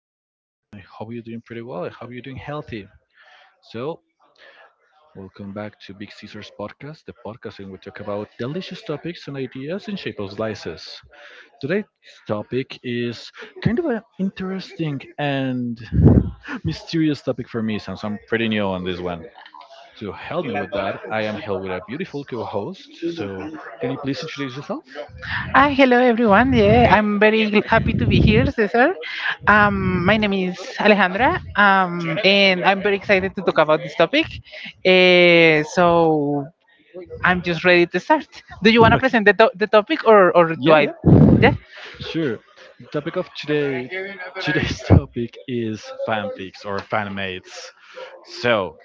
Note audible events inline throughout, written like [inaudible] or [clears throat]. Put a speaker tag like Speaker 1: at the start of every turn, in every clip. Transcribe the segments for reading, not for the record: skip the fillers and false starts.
Speaker 1: How are you? I hope you're doing pretty well. I hope you're doing healthy. So, Welcome back to Big Caesar's podcast, the podcast in which we talk about delicious topics and ideas in shape of slices. Today's topic is kind of an interesting and [laughs] mysterious topic for me since I'm pretty new on this one. To help me with that, I am here with a beautiful co host. So, can you please introduce yourself?
Speaker 2: Hello everyone. Yeah, I'm very happy to be here, Cesar. My name is Alejandra, and I'm very excited to talk about this topic. So I'm just ready to start. Do you want
Speaker 1: [laughs]
Speaker 2: to
Speaker 1: Okay.
Speaker 2: present the topic, or do
Speaker 1: Yeah,
Speaker 2: I?
Speaker 1: yeah.
Speaker 2: Yeah,
Speaker 1: Sure. The topic of today, today's [laughs] topic is fanfics or fanmates. So,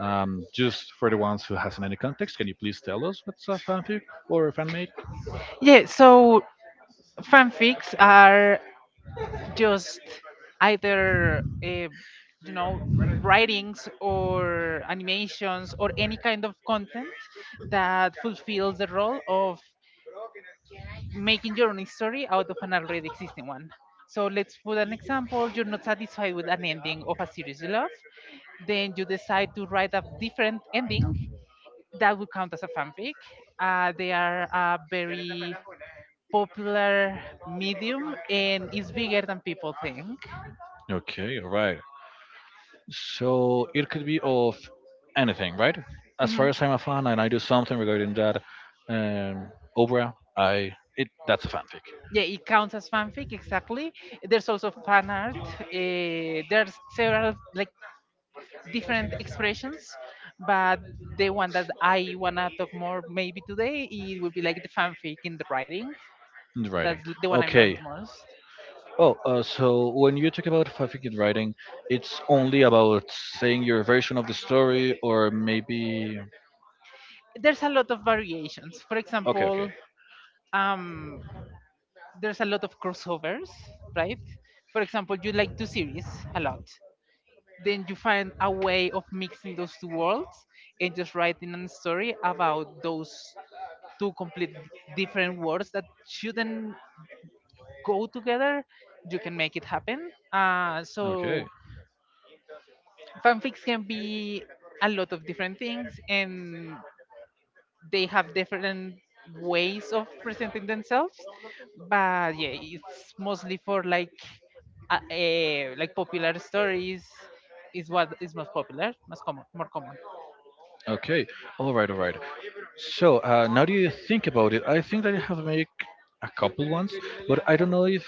Speaker 1: just for the ones who hasn't any context, can you please tell us what's a fanfic or a fanmate?
Speaker 2: yeah. So fanfics are just either you know writings or animations or any kind of content that fulfills the role of making your own story out of an already existing one. So let's put an example. You're not satisfied with an ending of a series you love. Then you decide to write a different ending that would count as a fanfic. They are a very popular medium, and it's bigger than people think.
Speaker 1: Okay, all right. So it could be of anything, right? As far
Speaker 2: Mhm.
Speaker 1: as I'm a fan and I do something regarding that um, opera, I it that's a fanfic
Speaker 2: Yeah, it counts as fanfic, exactly. There's also fan art. There's several like different expressions, but the one that I want to talk more maybe today, it would be like the fanfic in the writing.
Speaker 1: in the writing.
Speaker 2: That's the one I know
Speaker 1: Okay.
Speaker 2: the most.
Speaker 1: Oh, so when you talk about fanfic in writing, it's only about saying your version of the story, or maybe.
Speaker 2: There's a lot of variations. For
Speaker 1: Okay, okay,
Speaker 2: example, um, there's a lot of crossovers, right? For example, you like two series a lot, then you find a way of mixing those two worlds and just writing a story about those two complete different worlds that shouldn't go together. You can make it happen. Uh,
Speaker 1: okay,
Speaker 2: so fanfics can be a lot of different things, and they have different ways of presenting themselves. But yeah, it's mostly for like like popular stories is what is most popular, most common, more common.
Speaker 1: okay. All right, all right. So now that you think about it? I think that I have made a couple ones, but I don't know if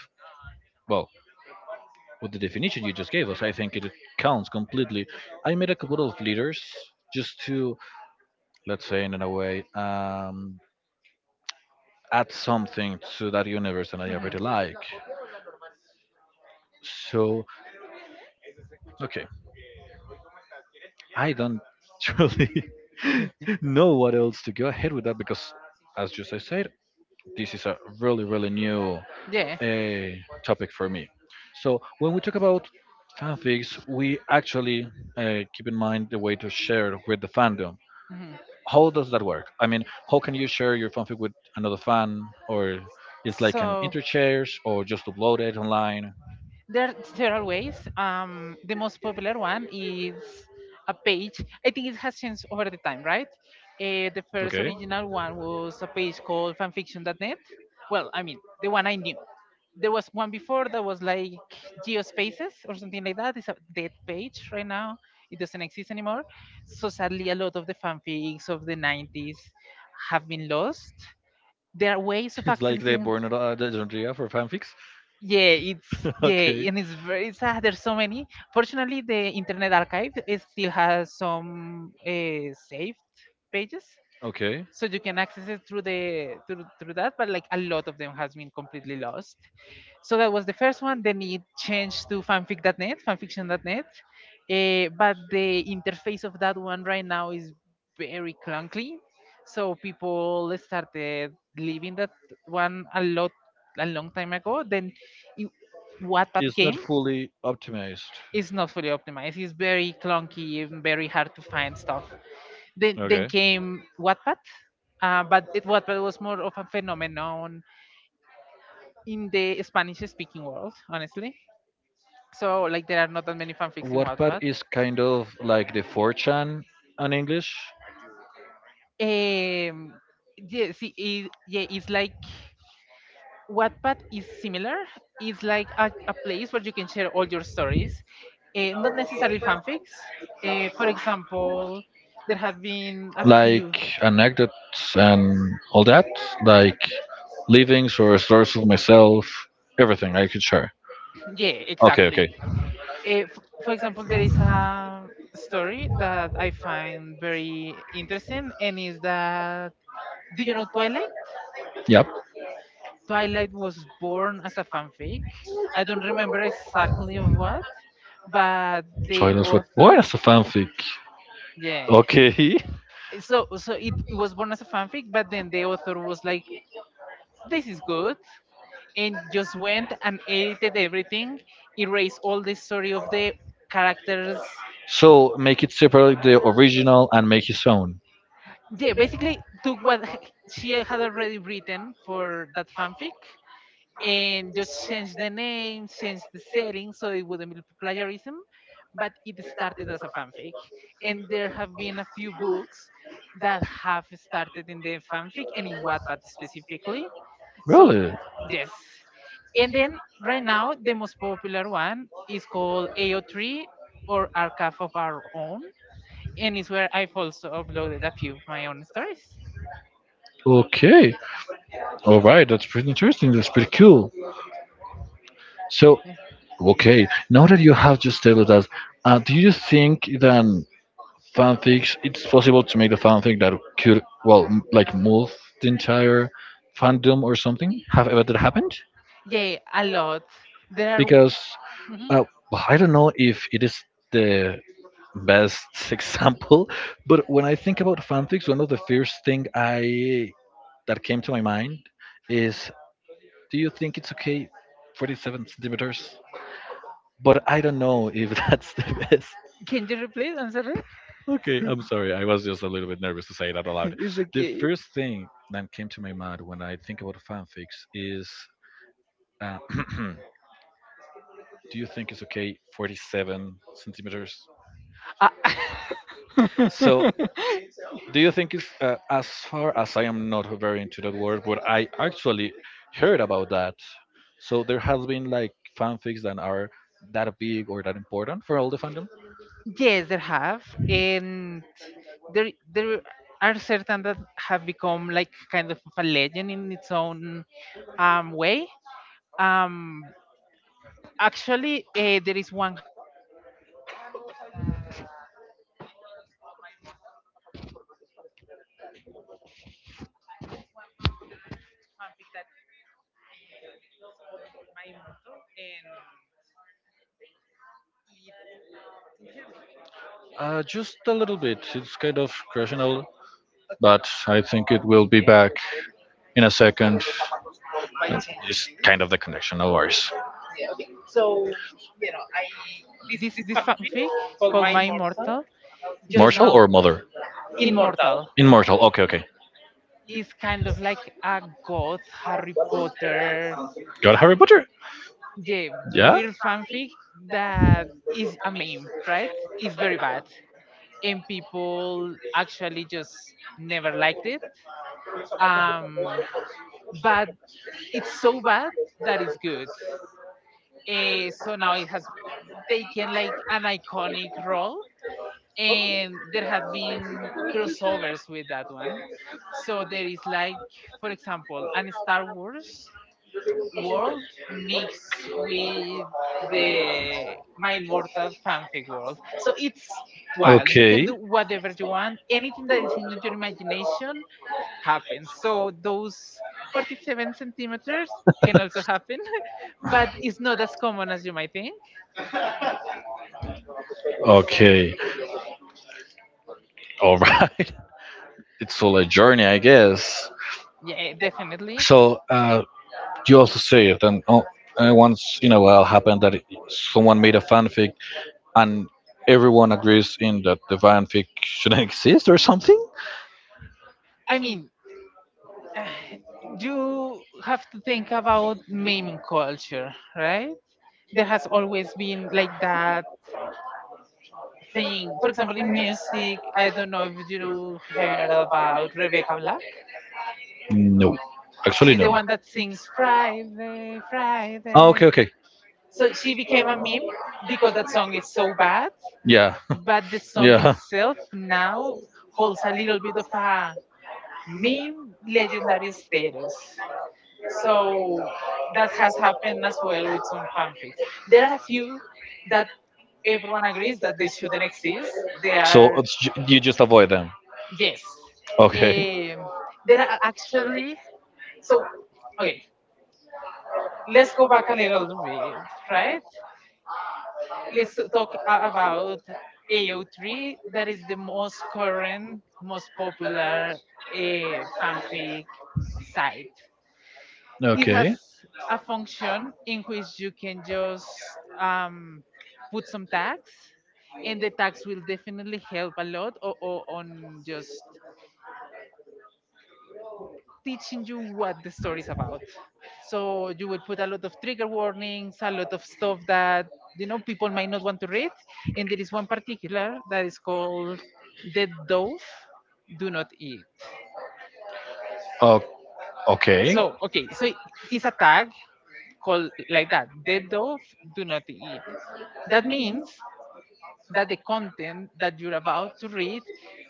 Speaker 1: well, with the definition you just gave us, I think it counts completely. I made a couple of leaders just to, let's say, in a way, add something to that universe that I
Speaker 2: Hmm.
Speaker 1: already like. So okay. I don't [laughs] truly [laughs] know what else to go ahead with that because, as just I said, this is a really, really new
Speaker 2: Yeah.
Speaker 1: uh, topic for me. So, when we talk about fanfics, we actually keep in mind the way to share with the fandom.
Speaker 2: Hmm.
Speaker 1: How does that work? I mean, how can you share your fanfic with another fan, or it's like an
Speaker 2: So.
Speaker 1: interchange, or just upload it online?
Speaker 2: There are several ways. The most popular one is a page. I think it has changed over the time, right? The first
Speaker 1: Okay.
Speaker 2: original one was a page called fanfiction.net. Well, I mean, the one I knew. There was one before that was like Geospaces or something like that. It's a dead page right now. It doesn't exist anymore. So sadly, a lot of the fanfics of the 90s have been lost. There are ways of
Speaker 1: [laughs] It's like the
Speaker 2: accessing,
Speaker 1: born the genre for fanfics.
Speaker 2: yeah, it's,
Speaker 1: [laughs] Okay.
Speaker 2: yeah, and it's very sad. There's so many. Fortunately, the Internet Archive, it still has some saved pages,
Speaker 1: Okay.
Speaker 2: so you can access it through the through through that. But like a lot of them has been completely lost. So that was the first one. Then it changed to fanfic.net, fanfiction.net. But the interface of that one right now is very clunky. So people started leaving that one a lot, a long time ago. Then it, Wattpad
Speaker 1: It's not
Speaker 2: came.
Speaker 1: fully optimized.
Speaker 2: It's not fully optimized. It's very clunky and very hard to find stuff. Then
Speaker 1: Okay.
Speaker 2: came Wattpad. Wattpad was more of a phenomenon in the Spanish-speaking world, honestly. So like there are not that many fanfics in
Speaker 1: What
Speaker 2: Wattpad.
Speaker 1: part is kind of like the 4chan in English.
Speaker 2: Um, yeah, it's like Wattpad is similar. It's like a place where you can share all your stories, not necessarily fanfics. For example, there have been a
Speaker 1: Like
Speaker 2: few.
Speaker 1: anecdotes and all that, like livings or stories of myself, everything I could share.
Speaker 2: [clears throat] Yeah,
Speaker 1: Okay,
Speaker 2: exactly.
Speaker 1: okay.
Speaker 2: For example, there is a story that I find very interesting, and is that, do you know Twilight?
Speaker 1: Yep.
Speaker 2: Twilight was born as a fanfic. I don't remember exactly of what, but
Speaker 1: So
Speaker 2: the
Speaker 1: I was what
Speaker 2: author,
Speaker 1: is a fanfic?
Speaker 2: yeah.
Speaker 1: Okay.
Speaker 2: So it was born as a fanfic, but then the author was like, "This is good," and just went and edited everything, erased all the story of the characters.
Speaker 1: [laughs] So make it separate the original and make his own.
Speaker 2: Yeah, basically took what she had already written for that fanfic and just change the name, change the setting so it wouldn't be plagiarism. But it started as a fanfic, and there have been a few books that have started in the fanfic and in Wattpad specifically. So
Speaker 1: Really?
Speaker 2: yes, and then right now the most popular one is called AO3 or Archive of Our Own, and it's where I've also uploaded a few of my own stories.
Speaker 1: Okay. All right. That's pretty interesting. That's pretty cool. So okay, now that you have just told us, do you think that fanfics it's possible to make a fanfic that could well like move the entire fandom or something? Have ever that happened?
Speaker 2: Yeah, a lot. There are.
Speaker 1: Because
Speaker 2: Mhm.
Speaker 1: uh, well, I don't know if it is the best [laughs] example, but when I think about fanfics, one of the first thing I that came to my mind is, do you think it's okay, 47 centimeters? But I don't know if [laughs] that's the best
Speaker 2: Can you repeat? I'm sorry.
Speaker 1: Okay, I'm sorry. I was just a little bit nervous to say that
Speaker 2: [laughs]
Speaker 1: aloud.
Speaker 2: It's
Speaker 1: The
Speaker 2: okay.
Speaker 1: first thing that came to my mind when I think about fanfics is uh, [clears throat] do you think it's okay 47 centimeters?
Speaker 2: Ah,
Speaker 1: So,
Speaker 2: [laughs]
Speaker 1: do you think it's, as far as I am not very into that word, but I actually heard about that. So, there has been like fanfics that are that big or that important for all the fandom?
Speaker 2: yes, there have, and there are certain that have become like kind of a legend in its own way. Um, there is one Harry Potter fanfic that I think is called My Immortal. Um, there is one Harry Potter fanfic that uh, is called My Immortal, and it. Can you hear me?
Speaker 1: Just a little bit. It's kind of crushing.
Speaker 2: Okay.
Speaker 1: But I think it will be back
Speaker 2: I think I
Speaker 1: in a
Speaker 2: just messed
Speaker 1: second.
Speaker 2: up so- somehow by
Speaker 1: It's
Speaker 2: changing this.
Speaker 1: kind of the connection, no worries.
Speaker 2: Yeah, okay. So, mm, you know, I this this fanfic called My Immortal, just
Speaker 1: Mortal
Speaker 2: now
Speaker 1: or mother?
Speaker 2: Immortal,
Speaker 1: Immortal. Okay, okay.
Speaker 2: is kind of like a god Harry Potter,
Speaker 1: Got Harry Potter?
Speaker 2: yeah,
Speaker 1: Yeah?
Speaker 2: weird fanfic that is a meme, right? It's very bad. And people actually just never liked it. Um, but it's so bad that it's good. So now it has taken like an iconic role, and there have been crossovers with that one. So there is like, for example, an Star Wars world mixed with the My Immortal fanfic world. So it's wild. You can
Speaker 1: Okay,
Speaker 2: do whatever you want. Anything that is in your imagination happens. So those 47 centimeters can also happen, [laughs] but it's not as common as you might think.
Speaker 1: okay. All right. [laughs] It's all a journey, I guess.
Speaker 2: Yeah, definitely.
Speaker 1: So, you also say it, and oh, once in a while happened that someone made a fanfic and everyone agrees in that the fanfic shouldn't [laughs] exist or something?
Speaker 2: I mean, [sighs] you have to think about meme culture, right? There has always been like that thing. For example, in music, I don't know if you heard about Rebecca Black.
Speaker 1: No, actually
Speaker 2: She's the
Speaker 1: no.
Speaker 2: one that sings Friday,
Speaker 1: Oh,
Speaker 2: Friday.
Speaker 1: okay, okay.
Speaker 2: So she became a meme because that song is so bad,
Speaker 1: Yeah,
Speaker 2: but the
Speaker 1: [laughs]
Speaker 2: song
Speaker 1: yeah.
Speaker 2: itself now holds a little bit of a meme legendary status. So that has happened as well with some fanfics. There are a few that everyone agrees that they shouldn't exist. They
Speaker 1: So
Speaker 2: are,
Speaker 1: it's, you just avoid them.
Speaker 2: yes.
Speaker 1: Okay.
Speaker 2: Um, there are actually so Okay. Let's go back a little bit, right? Let's talk about AO3. That is the most current, most popular uh, fanfic site. It has
Speaker 1: Okay.
Speaker 2: a function in which you can just um, put some tags, and the tags will definitely help a lot on just teaching you what the story is about. So you will put a lot of trigger warnings, a lot of stuff that, you know, people might not want to read, and there is one particular that is called Dead Dove Do Not Eat.
Speaker 1: Oh, okay.
Speaker 2: So okay, so it's a tag called like that, Dead Dove Do Not Eat. That means that the content that you're about to read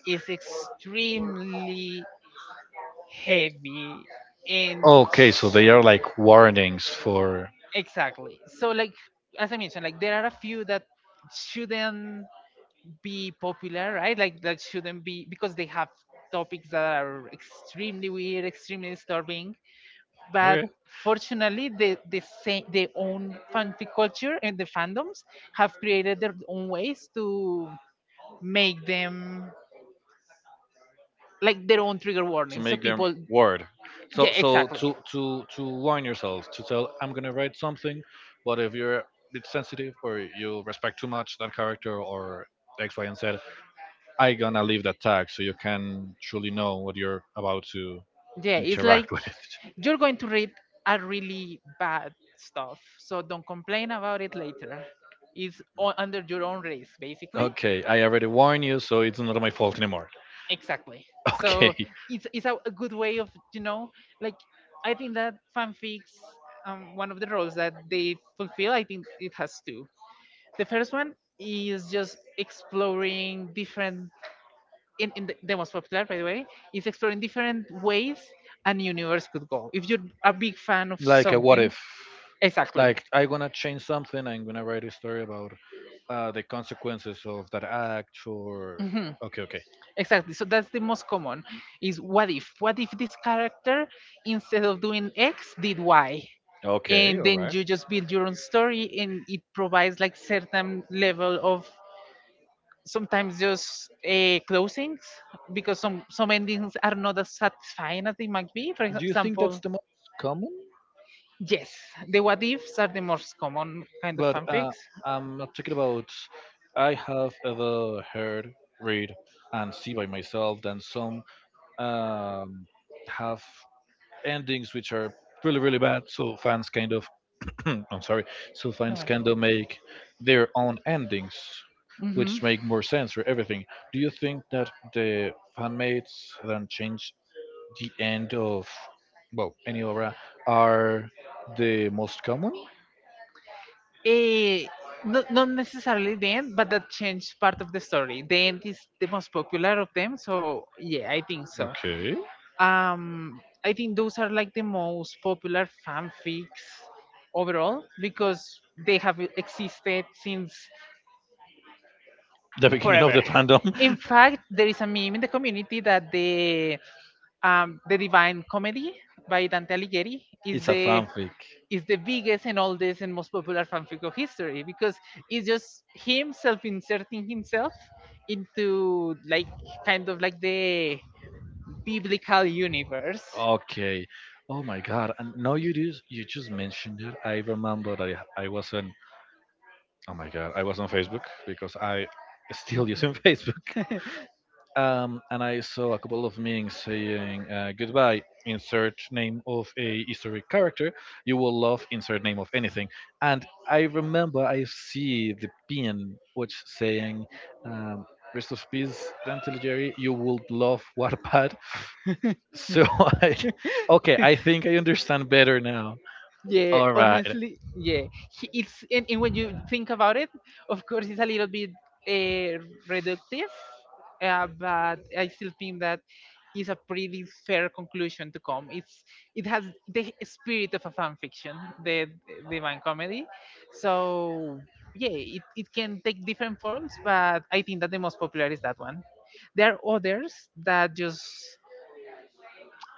Speaker 2: is extremely heavy, and
Speaker 1: Okay, so they are like warnings for.
Speaker 2: exactly. So like, as I mentioned, like there are a few that shouldn't be popular, right? Like that shouldn't be, because they have topics that are extremely weird, extremely disturbing. But
Speaker 1: Okay.
Speaker 2: fortunately, the same, their own fanfic culture and the fandoms, have created their own ways to make them like their own trigger
Speaker 1: To
Speaker 2: warnings. So
Speaker 1: make them
Speaker 2: people,
Speaker 1: word.
Speaker 2: yeah,
Speaker 1: So so
Speaker 2: exactly.
Speaker 1: to to to warn yourself to tell I'm gonna write something, but if you're a bit sensitive or you respect too much that character or X Y and Z, I gonna leave that tag so you can truly know what you're about to
Speaker 2: Yeah, it's like
Speaker 1: interact [laughs] with.
Speaker 2: you're going to read a really bad stuff, so don't complain about it later. It's under your own risk, basically.
Speaker 1: Okay, I already warned you, so it's not my fault anymore.
Speaker 2: Exactly.
Speaker 1: [laughs] Okay.
Speaker 2: So it's a good way of, you know, like, I think that fanfics, one of the roles that they fulfill, I think it has two. The first one is just exploring different, the most popular by the way, is exploring different ways an universe could go if you're a big fan of
Speaker 1: Like a what
Speaker 2: something.
Speaker 1: if.
Speaker 2: Exactly.
Speaker 1: Like I'm gonna change something, I'm gonna write a story about the consequences of that act or
Speaker 2: Hmm.
Speaker 1: okay, okay.
Speaker 2: Exactly. So that's the most common, is what if, what if this character instead of doing x did y,
Speaker 1: Okay,
Speaker 2: and
Speaker 1: all
Speaker 2: then
Speaker 1: right.
Speaker 2: you just build your own story, and it provides like certain level of, sometimes just closings, because some endings are not as satisfying as they might be, for
Speaker 1: Do you think that's
Speaker 2: example.
Speaker 1: the most common?
Speaker 2: Yes, the what ifs are the most common kind of
Speaker 1: But
Speaker 2: fanfics.
Speaker 1: I'm not talking about. I have ever heard, read, and see by myself that some um, have endings which are really, really bad. So fans kind of, [clears throat] I'm sorry, so fans kind of make their own endings,
Speaker 2: Mm-hmm.
Speaker 1: which make more sense for everything. Do you think that the fanmates that change the end of, well, any obra are the most common?
Speaker 2: Eh, no, not necessarily the end, but that changed part of the story. The end is the most popular of them, so yeah, I think so.
Speaker 1: Okay.
Speaker 2: I think those are like the most popular fanfics overall because they have existed since
Speaker 1: The beginning of
Speaker 2: forever.
Speaker 1: the fandom
Speaker 2: In fact, there is a meme in the community that the Divine Comedy by Dante Alighieri
Speaker 1: [laughs]
Speaker 2: is
Speaker 1: is a fanfic.
Speaker 2: the biggest and oldest and most popular fanfic of history, because it's just him self-inserting himself into like, kind of like the biblical universe.
Speaker 1: Okay. Oh my god. And now you just mentioned it. I remember that I was on oh my god, I was on Facebook because I still using [laughs] Facebook. And I saw a couple of meanings saying goodbye, insert name of a historic character, you will love insert name of anything. And I remember I see the pin which saying um, rest of peace, Dante Alighieri, you will love Wattpad. So [laughs] I, okay, I think I understand better now.
Speaker 2: Yeah,
Speaker 1: All right.
Speaker 2: honestly, yeah. It's, and when you think about it, of course, it's a little bit uh, reductive, but I still think that is a pretty fair conclusion to come. It has the spirit of a fan fiction, the Divine Comedy. So yeah, it can take different forms, but I think that the most popular is that one. There are others that just,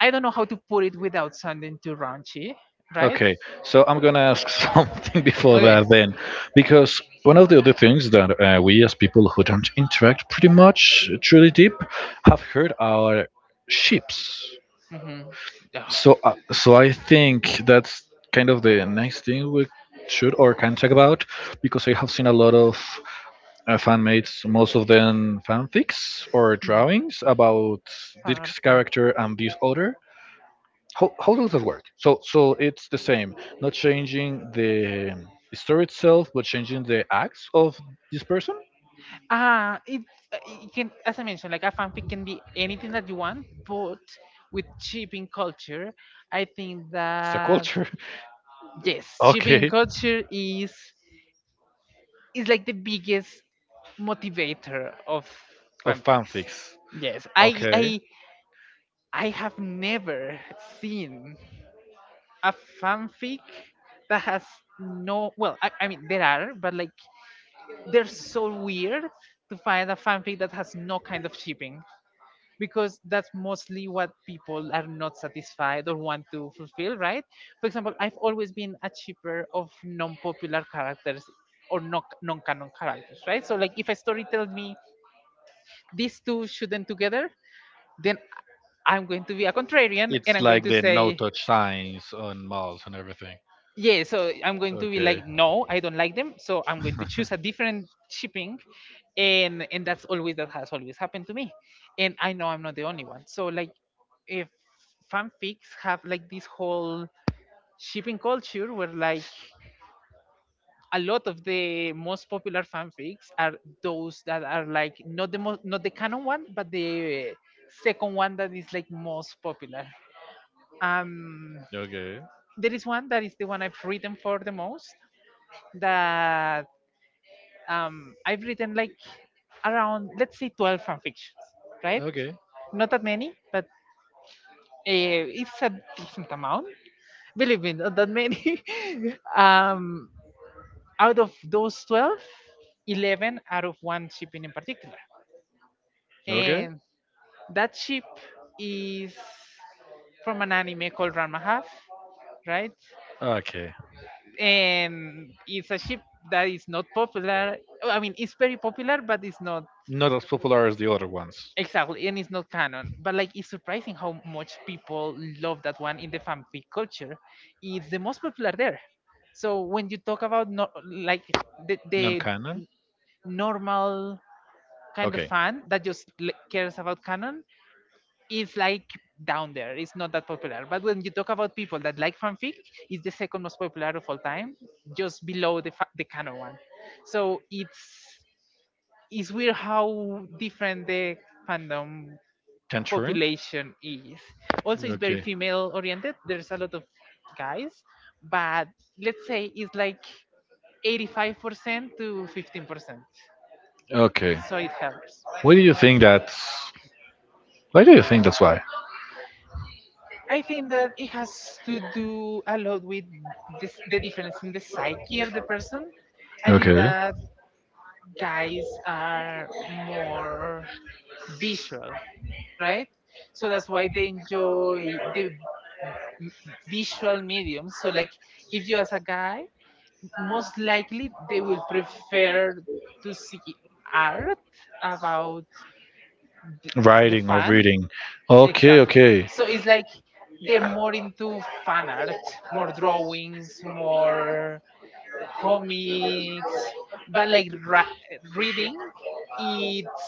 Speaker 2: I don't know how to put it without sounding too raunchy, right?
Speaker 1: Okay, so I'm gonna ask [laughs] something before
Speaker 2: Okay,
Speaker 1: that then, because one of the other things that we as people who don't interact pretty much truly deep have heard are ships.
Speaker 2: mm-hmm. Ah,
Speaker 1: So, so I think that's kind of the next thing we should or can talk about, because I have seen a lot of fan mates, most of them fanfics or
Speaker 2: hmm,
Speaker 1: drawings about
Speaker 2: fan
Speaker 1: this
Speaker 2: art, yeah.
Speaker 1: character and this other. How does that work? So so it's the same, not changing the story itself, but changing the acts of this person.
Speaker 2: It can, as I mentioned, like a fanfic can be anything that you want, but with shipping culture, I think
Speaker 1: It's a
Speaker 2: that
Speaker 1: culture. [laughs]
Speaker 2: yes, shipping
Speaker 1: Okay.
Speaker 2: culture is like the biggest motivator of
Speaker 1: Of
Speaker 2: fanfics.
Speaker 1: fanfics.
Speaker 2: Yes, I
Speaker 1: Okay.
Speaker 2: I I have never seen a fanfic that has no— well, I mean there are, but like they're so weird to find a fanfic that has no kind of shipping because that's mostly what people are not satisfied or want to fulfill, right? For example, I've always been a shipper of non-popular characters or non-canon characters, right? So like, if a story tells me these two shouldn't together, then I'm going to be a contrarian and
Speaker 1: It's
Speaker 2: I'm going
Speaker 1: like
Speaker 2: to
Speaker 1: the no
Speaker 2: say—
Speaker 1: touch signs on malls and everything.
Speaker 2: yeah, so I'm going to be
Speaker 1: Okay.
Speaker 2: like, no, I don't like them, so I'm going to choose a different shipping. And that's always— that has always happened to me, and I know I'm not the only one. So like, if fanfics have like this whole shipping culture where like a lot of the most popular fanfics are those that are like not the most— not the canon one but the second one that is like most popular. um
Speaker 1: Okay.
Speaker 2: there is one that is the one I've written for the most that— I've written like, around, let's say, 12 fan fictions, right?
Speaker 1: Okay.
Speaker 2: Not that many, but it's a decent amount. Believe me, not that many. [laughs] um, out of those 12, eleven 11 out of one ship in particular,
Speaker 1: Okay.
Speaker 2: and that ship is from an anime called Ranma Half, right?
Speaker 1: Okay.
Speaker 2: And it's a ship that is not popular. I mean, it's very popular, but it's not—
Speaker 1: Not as popular as the other ones.
Speaker 2: exactly, and it's not canon, but like it's surprising how much people love that one in the fanfic culture. It's the most popular there. So when you talk about, no, like the,
Speaker 1: Non
Speaker 2: the
Speaker 1: canon.
Speaker 2: normal kind of
Speaker 1: Okay.
Speaker 2: fan that just cares about canon, it's like down there. It's not that popular. But when you talk about people that like fanfic, it's the second most popular of all time, just below the the canon one. So it's— it's weird how different the fandom
Speaker 1: Tangerine.
Speaker 2: population is. Also, it's very
Speaker 1: Okay.
Speaker 2: female oriented. There's a lot of guys, but let's say it's like 85% to 15%.
Speaker 1: Okay.
Speaker 2: So it helps.
Speaker 1: Why do you think that's? Why do you think that's why?
Speaker 2: I think that it has to do a lot with this, the difference in the psyche of the person. I think
Speaker 1: Okay.
Speaker 2: that guys are more visual, right? So that's why they enjoy the m- visual medium. So like, if you, as a guy, most likely they will prefer to see art about the, the
Speaker 1: Writing or
Speaker 2: fan—
Speaker 1: reading. Okay.
Speaker 2: exactly.
Speaker 1: Okay.
Speaker 2: So it's like they're more into fan art, more drawings, more comics, but like reading, it's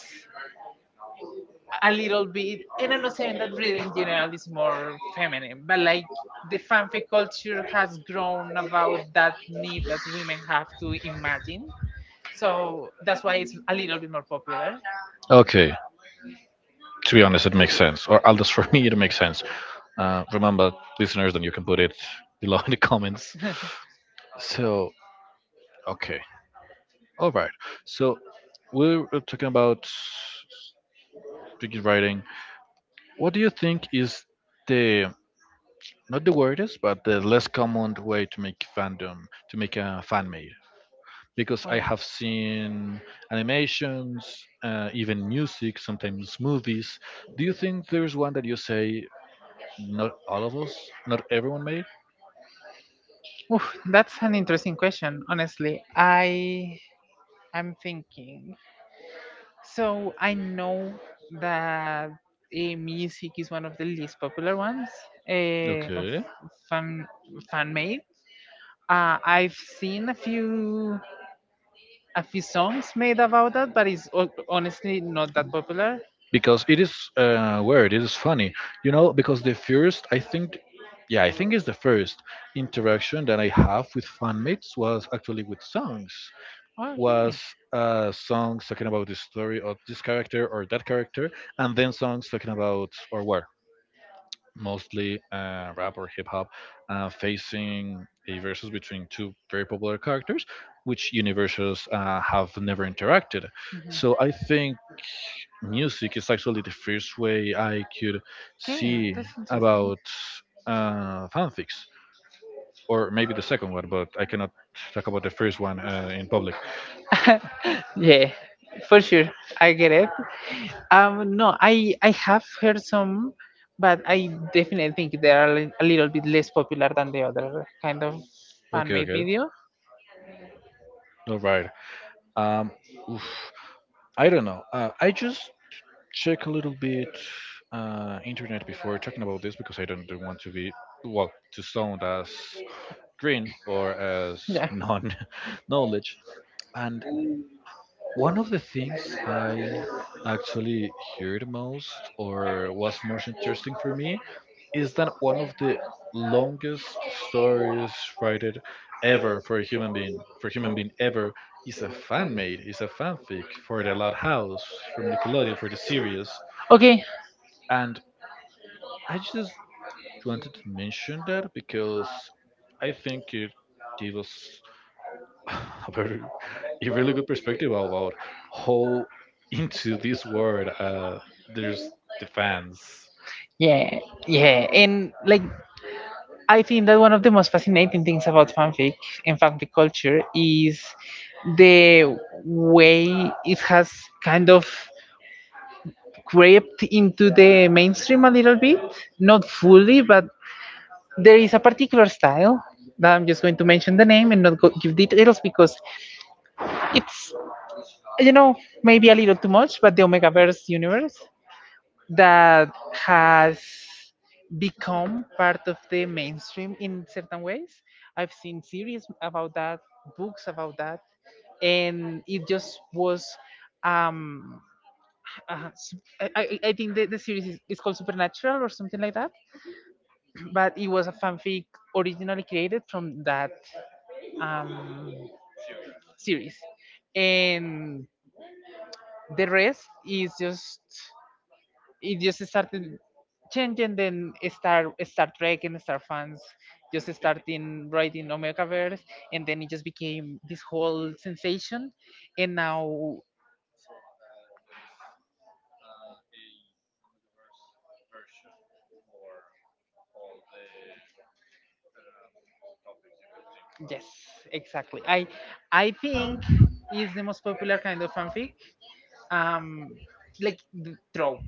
Speaker 2: a little bit— and I'm not saying that reading in general is more feminine, but like the fanfic culture has grown about that need that women have to imagine. So that's why it's a little bit more popular.
Speaker 1: Okay. To be honest, it makes sense, or at least for me, it makes sense. Remember, listeners, then you can put it below in the comments. So, okay. All right. So we're talking about speaking writing. What do you think is the not the weirdest, but the less common way to make fandom, to make a fan made? Because I
Speaker 2: Okay.
Speaker 1: have seen animations, even music, sometimes movies. Do you think there's one that you say not all of us, not everyone made?
Speaker 2: Oof, that's an interesting question, honestly. I am thinking. So I know that music is one of the least popular ones of
Speaker 1: Okay.
Speaker 2: fan— fan made. I've seen a few— a few songs made about that, but it's honestly not that popular.
Speaker 1: Because it is weird. It is funny, you know, because the first I think, yeah, I think it's the first interaction that I have with fanmates was actually with songs. Was
Speaker 2: Okay.
Speaker 1: songs talking about the story of this character or that character, and then songs talking about or were mostly rap or hip hop, facing a versus between two very popular characters, which universes have never interacted. So
Speaker 2: Mhm.
Speaker 1: I think music is actually the first way I could
Speaker 2: Okay,
Speaker 1: see
Speaker 2: that's interesting.
Speaker 1: about fanfics, or maybe the second one, but I cannot talk about the first one in public.
Speaker 2: Yeah, for sure. I get it. No, I have heard some, but I definitely think they are a little bit less popular than the other kind of
Speaker 1: Okay,
Speaker 2: fan-made
Speaker 1: okay,
Speaker 2: video.
Speaker 1: all right. Um, oof, I don't know. I just check a little bit internet before talking about this because I don't want to be well to sound as green or as
Speaker 2: Yeah.
Speaker 1: non [laughs] knowledge and one of the things I actually heard most or was most interesting for me is that one of the longest stories written ever for a human being, for human being ever, is a fan made, is a fanfic for The Loud House from Nickelodeon for the series.
Speaker 2: Okay.
Speaker 1: And I just wanted to mention that because I think it gives us [sighs] [laughs] about a really good perspective about how into this world there's the fans.
Speaker 2: Yeah. Yeah. And like, I think that one of the most fascinating things about fanfic and fanfic culture is the way it has kind of crept into the mainstream a little bit, not fully, but there is a particular style that I'm just going to mention the name and not give details because it's, you know, maybe a little too much. But the omegaverse universe that has become part of the mainstream in certain ways. I've seen series about that, books about that, and it just was— um I think the series is called Supernatural or something like that.
Speaker 1: Okay,
Speaker 2: [clears throat] But it was a fanfic originally created from that um
Speaker 1: serious.
Speaker 2: series, and the rest is just— it just started changing. Then Star Trek and Star fans just
Speaker 1: Okay, [laughs]
Speaker 2: starting writing Omegaverse, and then it just became this whole sensation. And now—
Speaker 1: so there's a Omegaverse version for all the um, topics you could think
Speaker 2: yes,
Speaker 1: about. [laughs]
Speaker 2: exactly. I
Speaker 1: Okay,
Speaker 2: I think is the most popular kind of fanfic. um like the trope,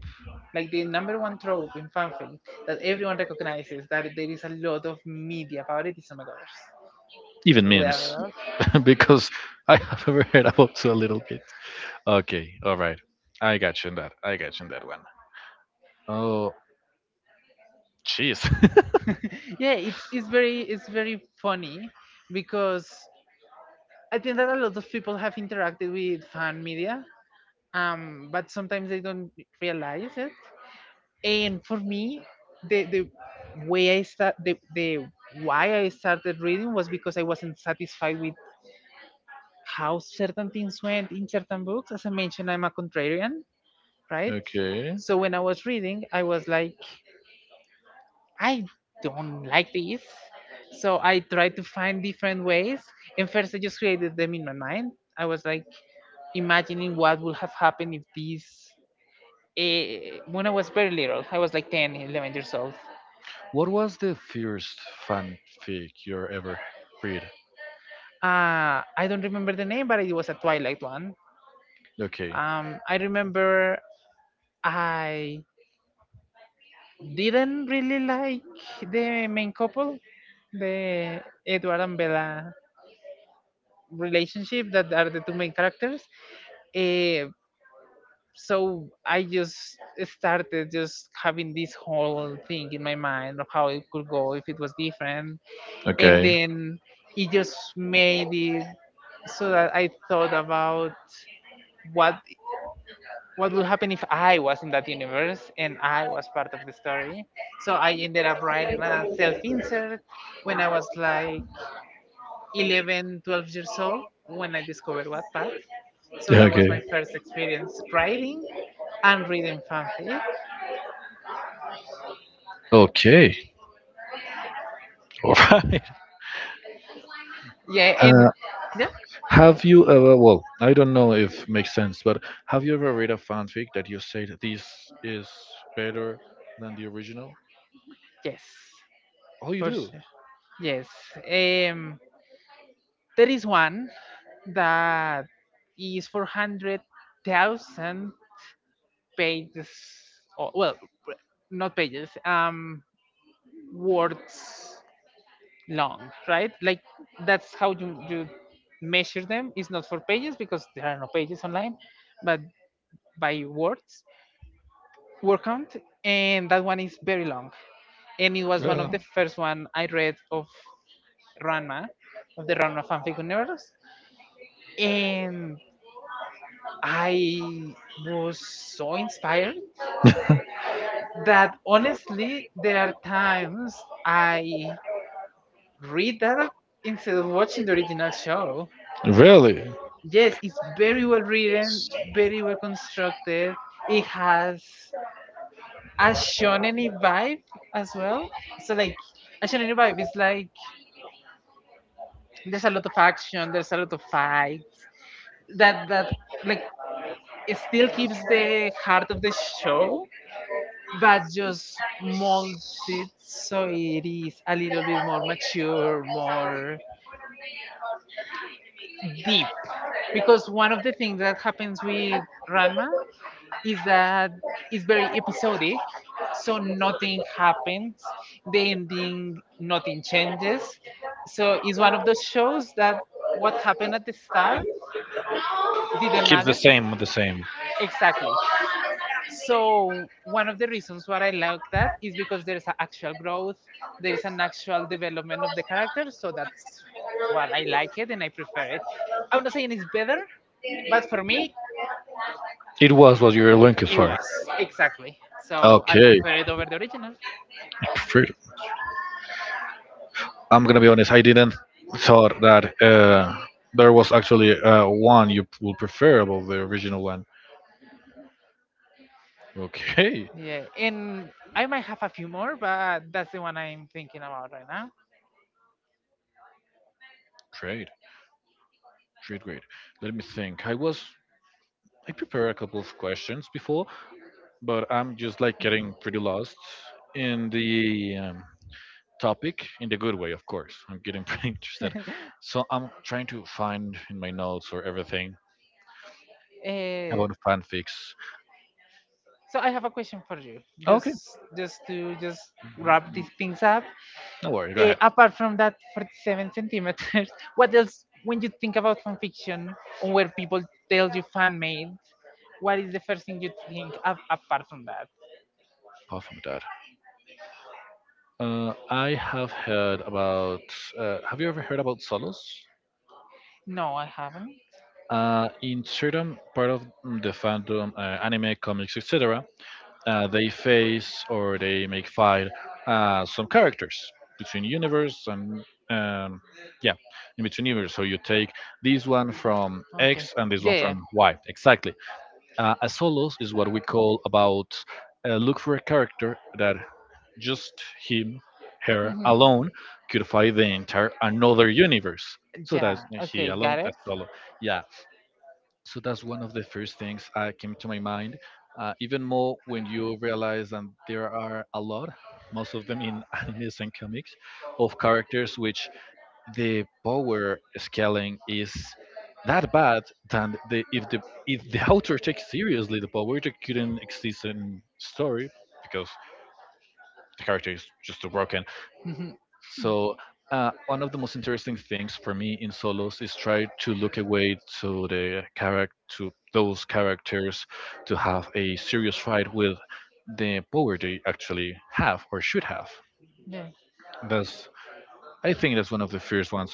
Speaker 2: like the number one trope in fanfic that everyone recognizes that there is a lot of media about, it is Omegaverse.
Speaker 1: even memes.
Speaker 2: Well,
Speaker 1: [laughs] Because I have [laughs] ever heard about a little bit. Okay, all right. I got you in that. I got you in that one. Oh, jeez. [laughs]
Speaker 2: yeah, it's very funny because I think that a lot of people have interacted with fan media, but sometimes they don't realize it. And for me, the way I start the why I started reading was because I wasn't satisfied with how certain things went in certain books. As I mentioned, I'm a contrarian, right?
Speaker 1: Okay.
Speaker 2: So when I was reading, I was like, I don't like this. So I tried to find different ways. And first, I just created them in my mind. I was like imagining what would have happened if this— when I was very little, I was like 10, 11 years old.
Speaker 1: What was the first fanfic you ever read?
Speaker 2: I don't remember the name, but it was a Twilight one.
Speaker 1: Okay,
Speaker 2: I remember I didn't really like the main couple, the Edward and Bella relationship that are the two main characters. Eh, so I just started just having this whole thing in my mind of how it could go if it was different, and
Speaker 1: okay,
Speaker 2: then it just made it so that I thought about what— what would happen if I was in that universe and I was part of the story. So I ended up writing a self-insert when I was like 11, 12 years old when I discovered Wattpad. So that was
Speaker 1: okay,
Speaker 2: my first experience writing and reading fanfic.
Speaker 1: okay. All right.
Speaker 2: Yeah. And
Speaker 1: [laughs]
Speaker 2: yeah.
Speaker 1: Have you ever, well, I don't know if it makes sense, but have you ever read a fanfic that you said this is better than the original?
Speaker 2: Yes,
Speaker 1: Oh, you
Speaker 2: for
Speaker 1: do?
Speaker 2: sure. Yes. um there is one that is 400,000 pages, or well, not pages, words, long, right? Like, that's how you measure them. It's not for pages because there are no pages online, but by words— word count. And that one is very long, and it was one of
Speaker 1: Yeah.
Speaker 2: the first one I read of Ranma, of the Ranma fanfic universe, and I was so inspired
Speaker 1: [laughs]
Speaker 2: that honestly there are times I read that instead of watching the original show.
Speaker 1: Really?
Speaker 2: Yes, it's very well written, very well constructed. It has a shonen vibe as well. So like, a shonen vibe is like there's a lot of action, there's a lot of fights. That like it still keeps the heart of the show, but just molds it so it is a little bit more mature, more deep. Because one of the things that happens with Ranma is that it's very episodic, so nothing happens. The ending, nothing changes. So it's one of those shows that what happened at the start didn't
Speaker 1: Keeps the
Speaker 2: matter—
Speaker 1: same, the same.
Speaker 2: exactly. So one of the reasons why I like that is because there is a actual growth, there is an actual development of the character. So that's what I like it and I prefer it. I'm not saying it's better, but for me,
Speaker 1: It was what you were looking
Speaker 2: it
Speaker 1: for.
Speaker 2: was— exactly. So I
Speaker 1: Okay,
Speaker 2: prefer it over the original.
Speaker 1: perfect. I'm gonna be honest. I didn't thought that there was actually one you would prefer above the original one. Okay,
Speaker 2: Yeah, and I might have a few more, but that's the one I'm thinking about right now.
Speaker 1: great, great, great. Let me think. I prepared a couple of questions before, but I'm just like getting pretty lost in the topic, in the good way, of course. I'm getting [laughs] pretty interested, so I'm trying to find in my notes or everything
Speaker 2: Uh,
Speaker 1: about fanfics.
Speaker 2: so I have a question for you,
Speaker 1: Okay.
Speaker 2: just to just wrap these things up.
Speaker 1: No worries, go ahead.
Speaker 2: Apart from that 47 centimeters, [laughs] what else, when you think about fan fiction or where people tell you fan made, what is the first thing you think apart from that?
Speaker 1: Apart from that, I have heard about. Have you ever heard about Solos?
Speaker 2: No, I haven't.
Speaker 1: In certain part of the fandom, anime, comics, etc., they face or they make fight some characters between universe, and um, yeah, in between universe. So you take this one from
Speaker 2: Okay.
Speaker 1: X and this one
Speaker 2: Yeah.
Speaker 1: from Y, exactly. A solos is what we call about look for a character that just him, her
Speaker 2: Hmm.
Speaker 1: alone could fight the entire another universe. So
Speaker 2: Yeah.
Speaker 1: that's he
Speaker 2: Okay.
Speaker 1: alone,
Speaker 2: Got it.
Speaker 1: that's solo. Yeah. So that's one of the first things came to my mind. Even more when you realize that there are a lot, most of them in [laughs] animes and comics, of characters which the power scaling is that bad that the if the [laughs] author takes seriously the power, it couldn't exist in story because the character is just too broken. So one of the most interesting things for me in solos is try to look away to the character to those characters, to have a serious fight with the power they actually have or should have.
Speaker 2: Yeah.
Speaker 1: That's, I think that's one of the first ones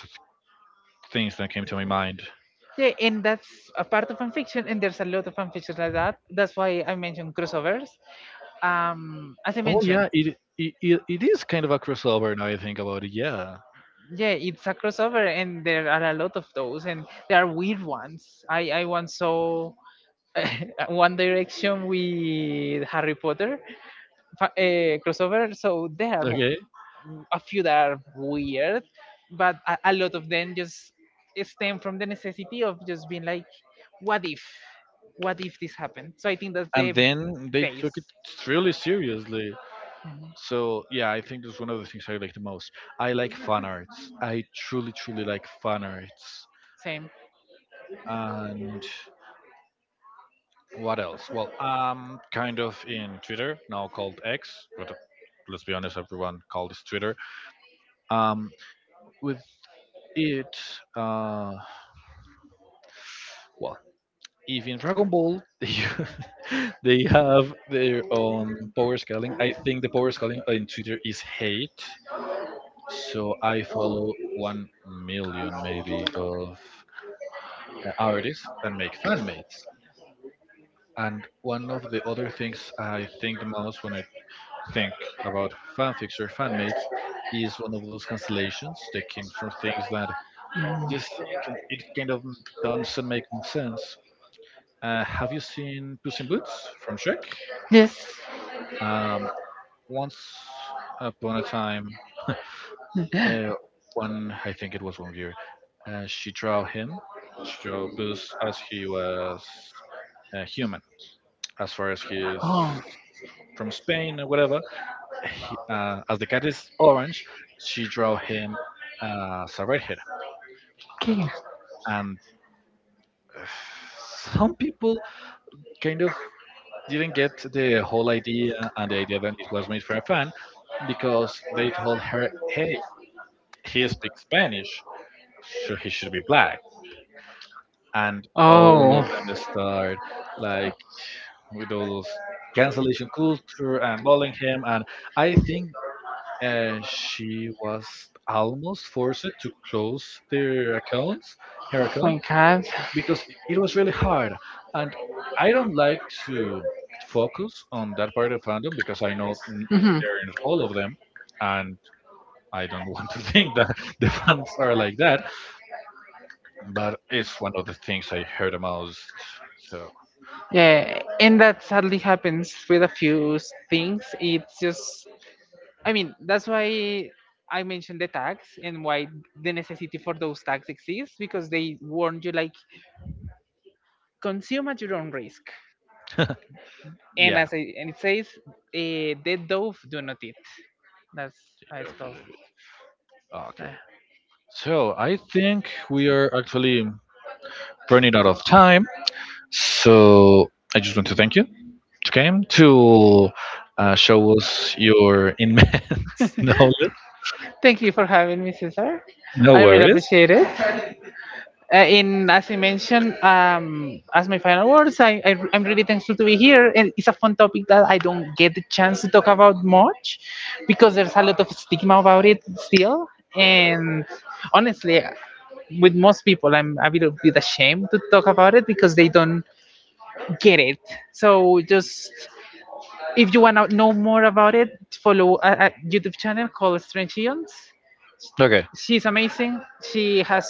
Speaker 1: things that came to my mind.
Speaker 2: Yeah, and that's a part of fan fiction, and there's a lot of fan fiction like that. That's why I mentioned crossovers. As I
Speaker 1: Oh
Speaker 2: mentioned,
Speaker 1: yeah, it is kind of a crossover, now I think about it. Yeah.
Speaker 2: yeah, it's a crossover, and there are a lot of those, and there are weird ones. I once saw [laughs] One Direction with Harry Potter crossover. So there are
Speaker 1: Okay.
Speaker 2: a few that are weird, but a lot of them just stem from the necessity of just being like, what if? What if this happened? So I think that's the
Speaker 1: And then they
Speaker 2: base.
Speaker 1: took it really seriously.
Speaker 2: Mhm.
Speaker 1: So yeah, I think that's one of the things I like the most. I like fan arts. I truly, truly like fan arts.
Speaker 2: Same.
Speaker 1: And what else? Well, I'm kind of in Twitter, now called X, but let's be honest, everyone called this Twitter. Um, with It uh well, if in Dragon Ball [laughs] they have their own power scaling, I think the power scaling in Twitter is hate. So I follow 1 million maybe of artists that make fan mates. And one of the other things I think the most when I think about fanfics or fan mates is one of those cancellations that came from things that just it kind of doesn't make sense. Have you seen Puss in Boots from Shrek?
Speaker 2: Yes.
Speaker 1: Um, Once upon a time, uh, one I think it was one year, she drew him, she drew Puss as he was human, as far as he is
Speaker 2: Oh,
Speaker 1: from Spain or whatever. He, as the cat is orange, she drew him as a redhead,
Speaker 2: okay.
Speaker 1: and uh, some people kind of didn't get the whole idea, and the idea that it was made for a fan. Because they told her, hey, he speaks Spanish, so he should be black. And all
Speaker 2: Oh,
Speaker 1: of them start like with all those cancellation culture and bullying him. And I think she was almost forced to close their accounts, her account,
Speaker 2: my God.
Speaker 1: because it was really hard, and I don't like to focus on that part of fandom because I know
Speaker 2: Hmm.
Speaker 1: they're in all of them, and I don't want to [laughs] think that the fans are like that, but it's one of the things I heard the most. So
Speaker 2: Yeah, and that sadly happens with a few things. It's just— I mean, that's why I mentioned the tags and why the necessity for those tags exists because they warn you like, consume at your own risk.
Speaker 1: [laughs]
Speaker 2: And
Speaker 1: yeah.
Speaker 2: as I, and it says, dead dove do not eat. That's how it's called. So,
Speaker 1: Okay, so I think we are actually running out of time, so I just want to thank you, okay, to show us your [laughs] immense knowledge.
Speaker 2: thank you for having me, Cesar.
Speaker 1: No
Speaker 2: I really
Speaker 1: worries.
Speaker 2: appreciate it. Uh, in— as I mentioned, as my final words, I'm really thankful to be here, and it's a fun topic that I don't get the chance to talk about much because there's a lot of stigma about it still. And honestly, with most people, I'm a little bit ashamed to talk about it because they don't get it. So just, if you want to know more about it, follow a YouTube channel called Strange Eons.
Speaker 1: Okay.
Speaker 2: She's amazing. She has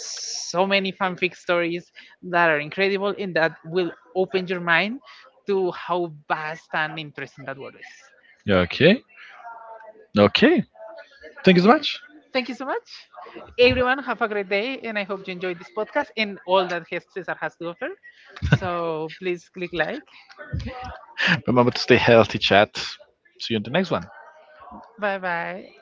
Speaker 2: so many fanfic stories that are incredible and that will open your mind to how vast and interesting that world is.
Speaker 1: Yeah. Okay. Okay. Thank you so much.
Speaker 2: Thank you so much. Everyone, have a great day, and I hope you enjoyed this podcast and all that Cesar has to offer. So please click like.
Speaker 1: Remember to stay healthy, chat. See you in the next one.
Speaker 2: Bye bye.